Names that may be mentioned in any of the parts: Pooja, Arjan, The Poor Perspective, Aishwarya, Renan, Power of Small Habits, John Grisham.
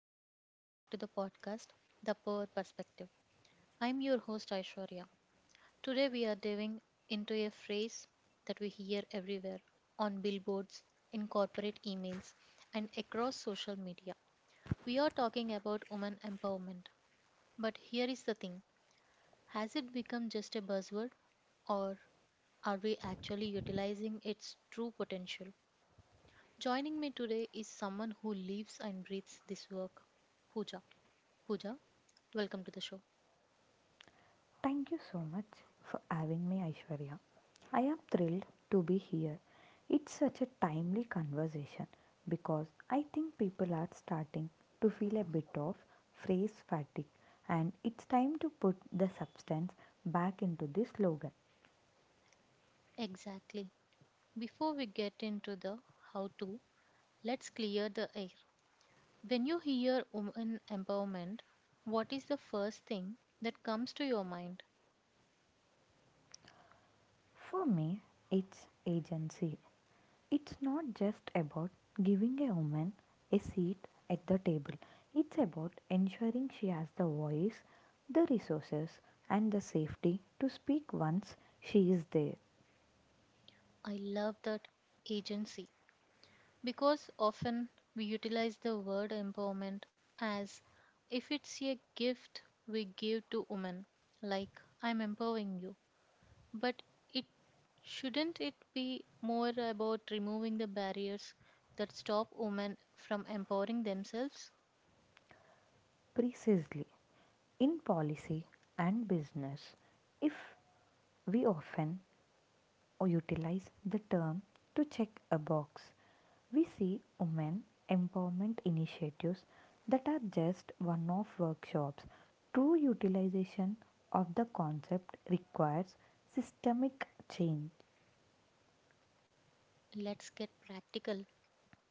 and welcome back to the podcast, The Poor Perspective. I'm your host, Aishwarya. Today, we are diving into a phrase that we hear everywhere, on billboards, in corporate emails, and across social media. We are talking about women empowerment. But here is the thing, has it become just a buzzword, or are we actually utilizing its true potential? Joining me today is someone who lives and breathes this work, Pooja. Pooja, welcome to the show. Thank you so much for having me, Aishwarya. I am thrilled to be here. It's such a timely conversation because I think people are starting to feel a bit of phrase fatigue, and it's time to put the substance back into the slogan. Exactly. Before we get into the how to, let's clear the air. When you hear women empowerment, what is the first thing that comes to your mind? For me, it's agency. It's not just about giving a woman a seat at the table, it's about ensuring she has the voice, the resources, and the safety to speak once she is there. I love that, agency, because often we utilize the word empowerment as if it's a gift we give to women, like I'm empowering you. But it, shouldn't it be more about removing the barriers that stop women from empowering themselves? Precisely. In policy and business, if we often or utilize the term to check a box. We see women empowerment initiatives that are just one off workshops. True utilization of the concept requires systemic change. Let's get practical.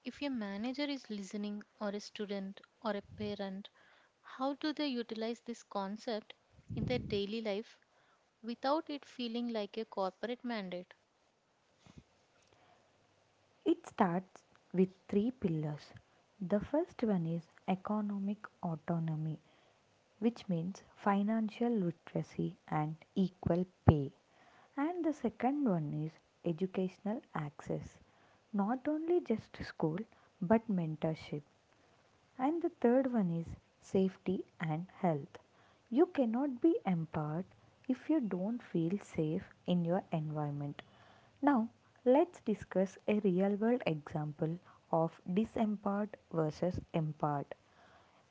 If your manager is listening, or a student, or a parent, how do they utilize this concept in their daily life without it feeling like a corporate mandate? It starts with three pillars. The first one is economic autonomy, which means financial literacy and equal pay. And the second one is educational access, not only just school but mentorship, and the third one is safety and health. You cannot be empowered if you don't feel safe in your environment. Now, let's discuss a real world example of disempowered versus empowered.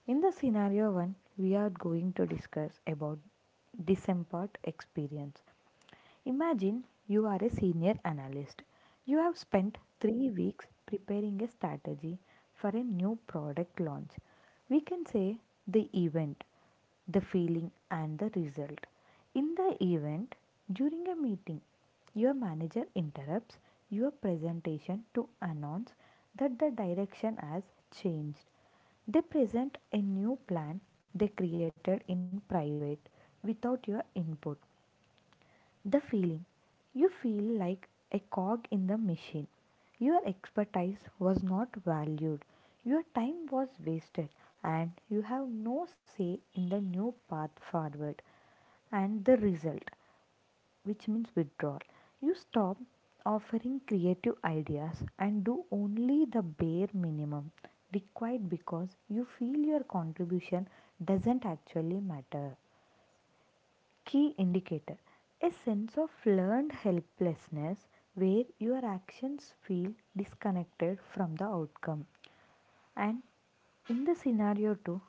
In the scenario 1, we are going to discuss about disempowered experience. Imagine you are a senior analyst. You have spent 3 weeks preparing a strategy for a new product launch. We can say the event, the feeling, and the result. In the event, during a meeting, your manager interrupts your presentation to announce that the direction has changed. They present a new plan they created in private without your input. The feeling, you feel like a cog in the machine. Your expertise was not valued, your time was wasted, and you have no say in the new path forward. And the result, which means withdrawal, you stop offering creative ideas and do only the bare minimum required because you feel your contribution doesn't actually matter. Key indicator, a sense of learned helplessness where your actions feel disconnected from the outcome. And in the scenario 2,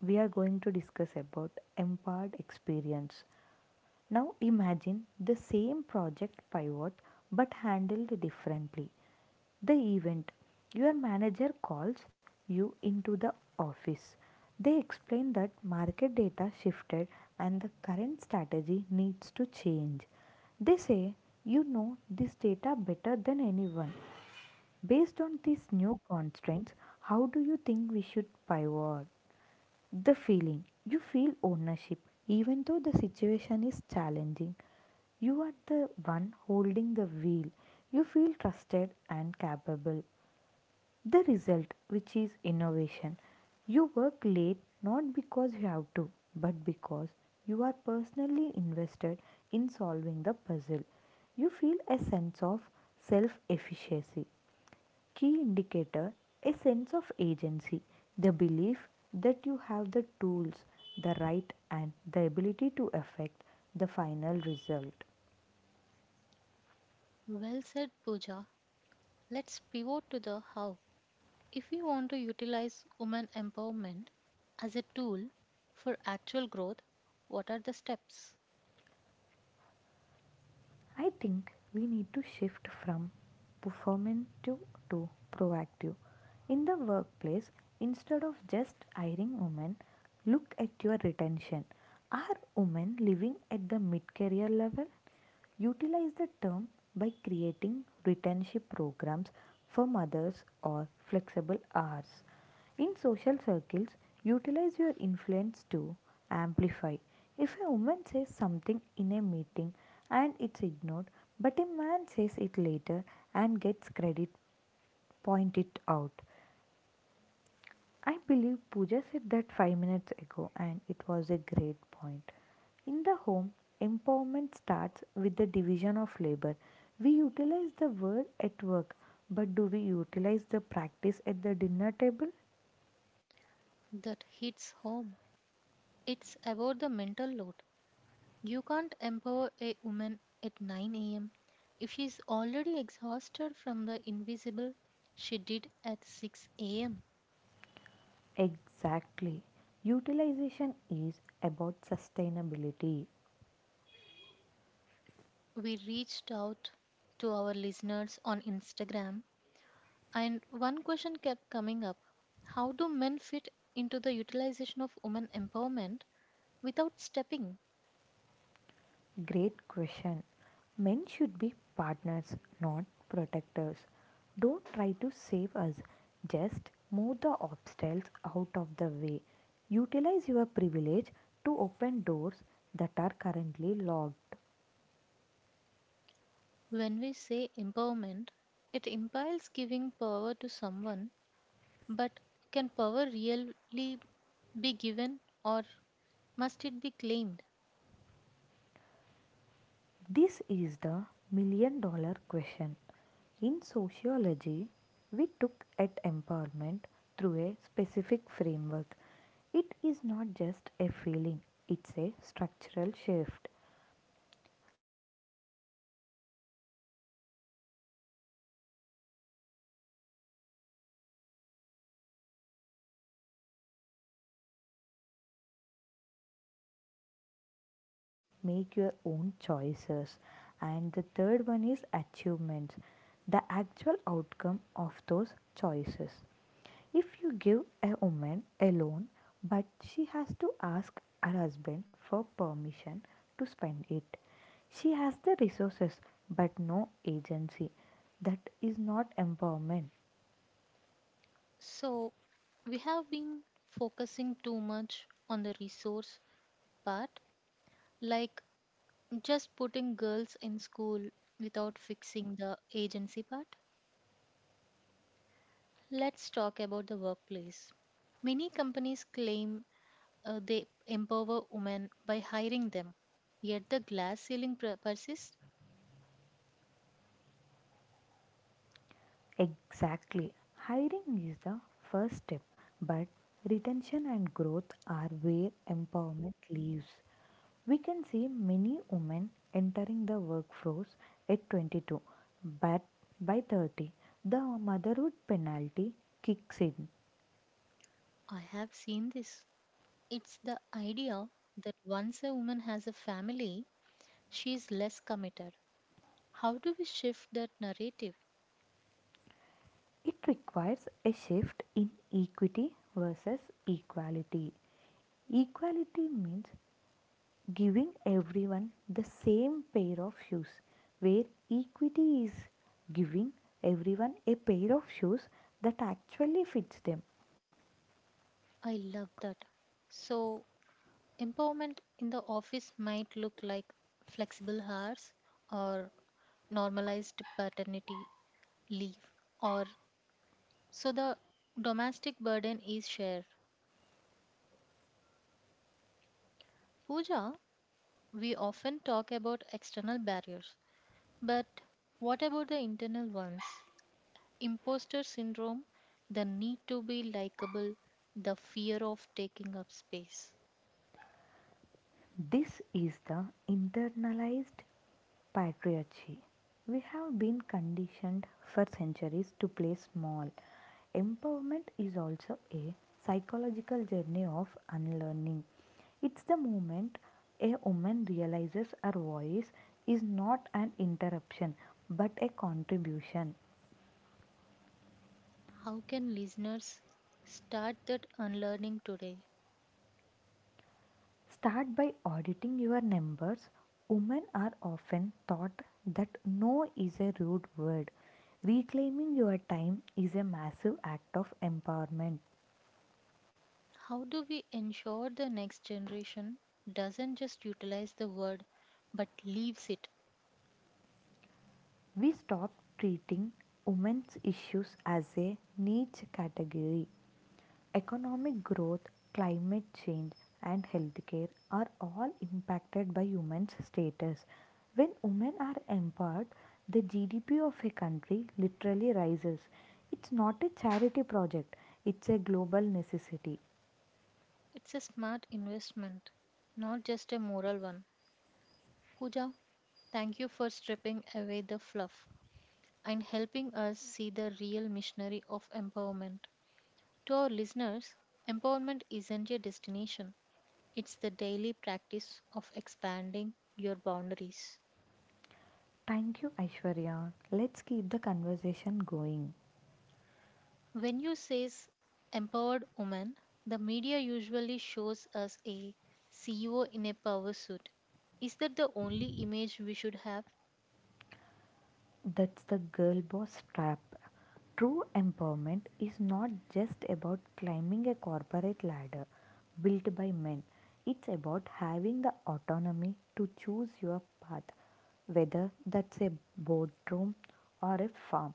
we are going to discuss about empowered experience. Now imagine the same project pivot but handled differently. The event, your manager calls you into the office. They explain that market data shifted and the current strategy needs to change. They say, you know this data better than anyone. Based on these new constraints, how do you think we should pivot? The feeling, you feel ownership, even though the situation is challenging. You are the one holding the wheel. You feel trusted and capable. The result, which is innovation. You work late not because you have to, but because you are personally invested in solving the puzzle. You feel a sense of self efficacy. Key indicator, a sense of agency, the belief that you have the tools, the right, and the ability to affect the final result. Well said, Pooja. Let's pivot to the how. If we want to utilize women empowerment as a tool for actual growth, what are the steps I think we need to shift from performative to proactive. In the workplace, instead of just hiring women, look at your retention. Are women living at the mid career level? Utilize the term by creating retention programs for mothers or flexible hours. In social circles, utilize your influence to amplify. If a woman says something in a meeting and it's ignored, but a man says it later and gets credit, point it out. I believe Pooja said that 5 minutes ago and it was a great point. In the home, empowerment starts with the division of labor. We utilize the word at work, but do we utilize the practice at the dinner table? that hits home? It's about the mental load. You can't empower a woman at 9 a.m. if she's already exhausted from the invisible she did at 6 a.m. Exactly. Utilization is about sustainability. We reached out to our listeners on Instagram, and one question kept coming up. How do men fit into the utilization of women empowerment without stepping. Great question. Men should be partners, not protectors. Don't try to save us, just move the obstacles out of the way. Utilize your privilege to open doors that are currently locked. When we say empowerment, it implies giving power to someone, but can power really be given, or must it be claimed? This is the million dollar question. In sociology, we look at empowerment through a specific framework. It is not just a feeling, it's a structural shift. I like to break it down into three pillars. The first one is resources, which like education or money. The second one is agency, which means the ability to make your own choices. And the third one is achievements, the actual outcome of those choices. If you give a woman a loan, but she has to ask her husband for permission to spend it, she has the resources but no agency. That is not empowerment. So, we have been focusing too much on the resource part, like just putting girls in school without fixing the agency part. Let's talk about the workplace. Many companies claim they empower women by hiring them. Yet the glass ceiling persists. Exactly. Hiring is the first step, but retention and growth are where empowerment lives. We can see many women entering the workforce at 22, but by 30, the motherhood penalty kicks in. I have seen this. It's the idea that once a woman has a family, she is less committed. How do we shift that narrative? It requires a shift in equity versus equality. Equality means giving everyone the same pair of shoes, where equity is giving everyone a pair of shoes that actually fits them. I love that. So, empowerment in the office might look like flexible hours or normalized paternity leave, or so the domestic burden is shared. Pooja, we often talk about external barriers, but what about the internal ones? Imposter syndrome, the need to be likable, the fear of taking up space. This is the internalized patriarchy. We have been conditioned for centuries to play small. Empowerment is also a psychological journey of unlearning. It's the moment a woman realizes her voice is not an interruption but a contribution. How can listeners start that unlearning today? Start by auditing your numbers. Women are often taught that no is a rude word. Reclaiming your time is a massive act of empowerment. How do we ensure the next generation doesn't just utilize the word but leaves it? We stop treating women's issues as a niche category. Economic growth, climate change, and healthcare are all impacted by women's status. When women are empowered, the GDP of a country literally rises. It's not a charity project, it's a global necessity. It's a smart investment, not just a moral one. Pooja, thank you for stripping away the fluff, and helping us see the real missionary of empowerment. To our listeners, empowerment isn't a destination, it's the daily practice of expanding your boundaries. Thank you, Aishwarya. Let's keep the conversation going. When you says empowered woman, the media usually shows us a CEO in a power suit. Is that the only image we should have? That's the girl boss trap. True empowerment is not just about climbing a corporate ladder built by men, it's about having the autonomy to choose your path, whether that's a boardroom or a farm.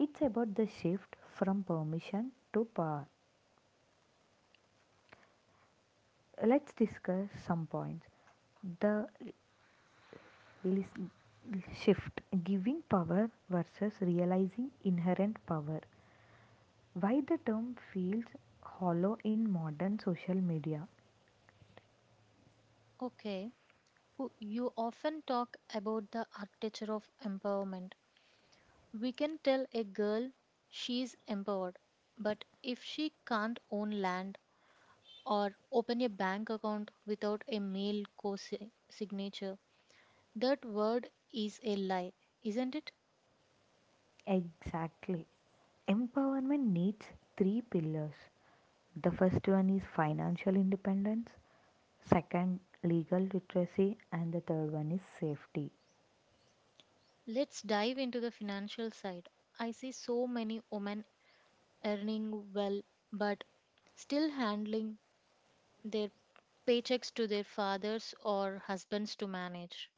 It's about the shift from permission to power. Let's discuss some points. The lis- shift, giving power versus realizing inherent power. Why the term feels hollow in modern social media? Okay. You often talk about the architecture of empowerment. We can tell a girl she's empowered, but if she can't own land or open a bank account without a male co signature, that word is a lie, isn't it? Exactly. Empowerment needs three pillars. The first one is financial independence, second, legal literacy, and the third one is safety. Let's dive into the financial side. I see so many women earning well, but still handling their paychecks to their fathers or husbands to manage.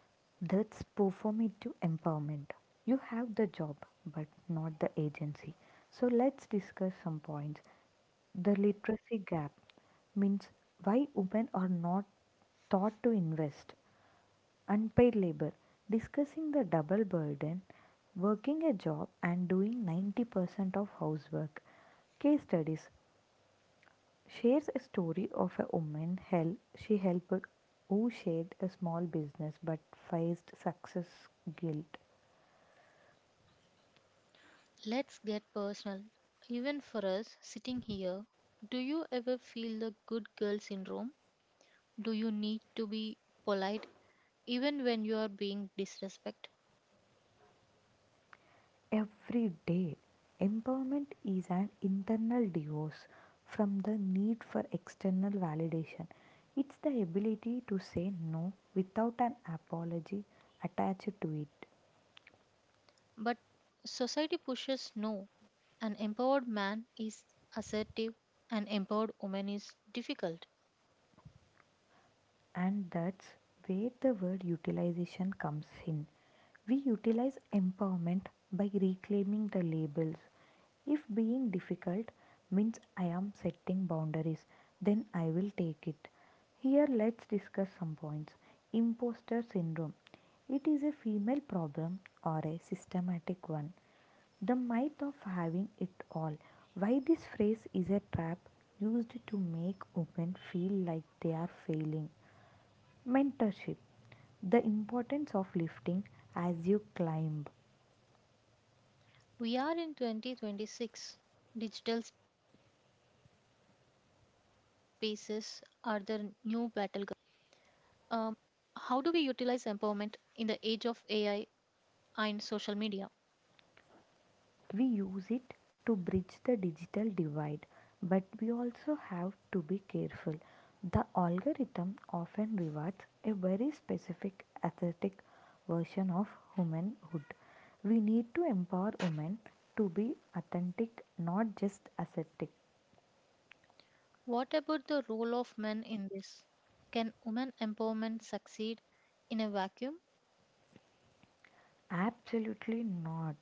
That's performative empowerment. You have the job, but not the agency. So let's discuss some points. The literacy gap means why women are not taught to invest. Unpaid labor, discussing the double burden, working a job and doing 90% of housework. Case studies, shares a story of a woman she helped, who shared a small business but faced success guilt Let's get personal. Even for us sitting here, do you ever feel the good girl syndrome? Do you need to be polite even when you are being disrespect? every day. Empowerment is an internal divorce from the need for external validation. It's the ability to say no without an apology attached to it. But society pushes no. An empowered man is assertive, an empowered woman is difficult. And that's where the word utilization comes in. We utilize empowerment by reclaiming the labels. If being difficult means I am setting boundaries, then I will take it. Here, let's discuss some points. Imposter syndrome. It is a female problem or a systematic one. The myth of having it all. Why this phrase is a trap used to make women feel like they are failing. Mentorship, the importance of lifting as you climb. We are in 2026. Digital spaces are the new battleground. Um, how do we utilize empowerment in the age of AI and social media? We use it to bridge the digital divide, but we also have to be careful. The algorithm often rewards a very specific aesthetic version of womanhood. We need to empower women to be authentic, not just aesthetic. What about the role of men in this? Can women empowerment succeed in a vacuum? Absolutely not.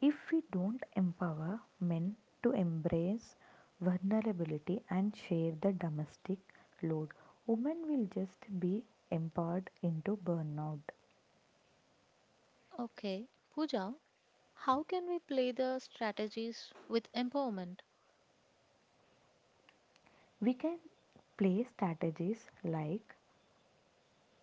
If we don't empower men to embrace vulnerability and share the domestic load, women will just be empowered into burnout. Okay, Pooja, how can we play the strategies with empowerment? We can play strategies like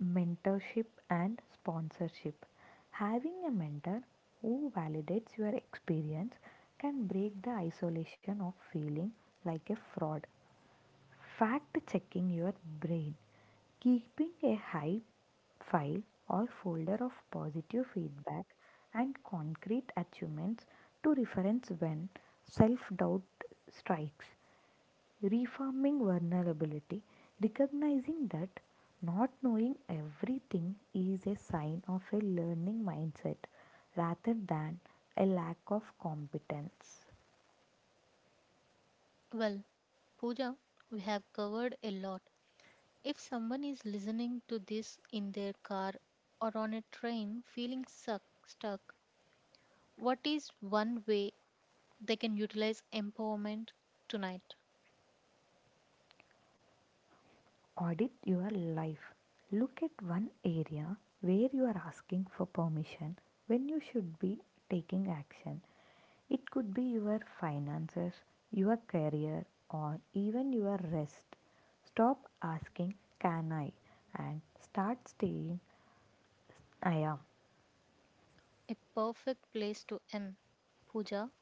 mentorship and sponsorship. Having a mentor who validates your experience can break the isolation of feeling like a fraud. Fact checking your brain. Keeping a high file or folder of positive feedback and concrete achievements to reference when self doubt strikes. Reforming vulnerability. Recognizing that not knowing everything is a sign of a learning mindset rather than a lack of competence. Well, Pooja, we have covered a lot. If someone is listening to this in their car or on a train feeling stuck, what is one way they can utilize empowerment tonight? Audit your life. Look at one area where you are asking for permission when you should be taking action. It could be your finances, your career, or even your rest. Stop asking, Can I? And start saying, I am. A perfect place to end. Pooja,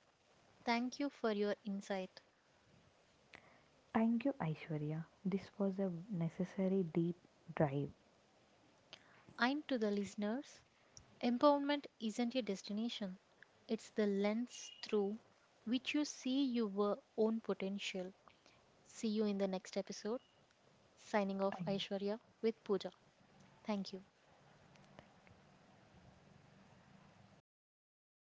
thank you for your insight. Thank you, Aishwarya. This was a necessary deep drive. And to the listeners, empowerment isn't a destination, it's the lens through which you see your own potential. See you in the next episode. Signing off, Thank you. Aishwarya with Pooja. Thank you.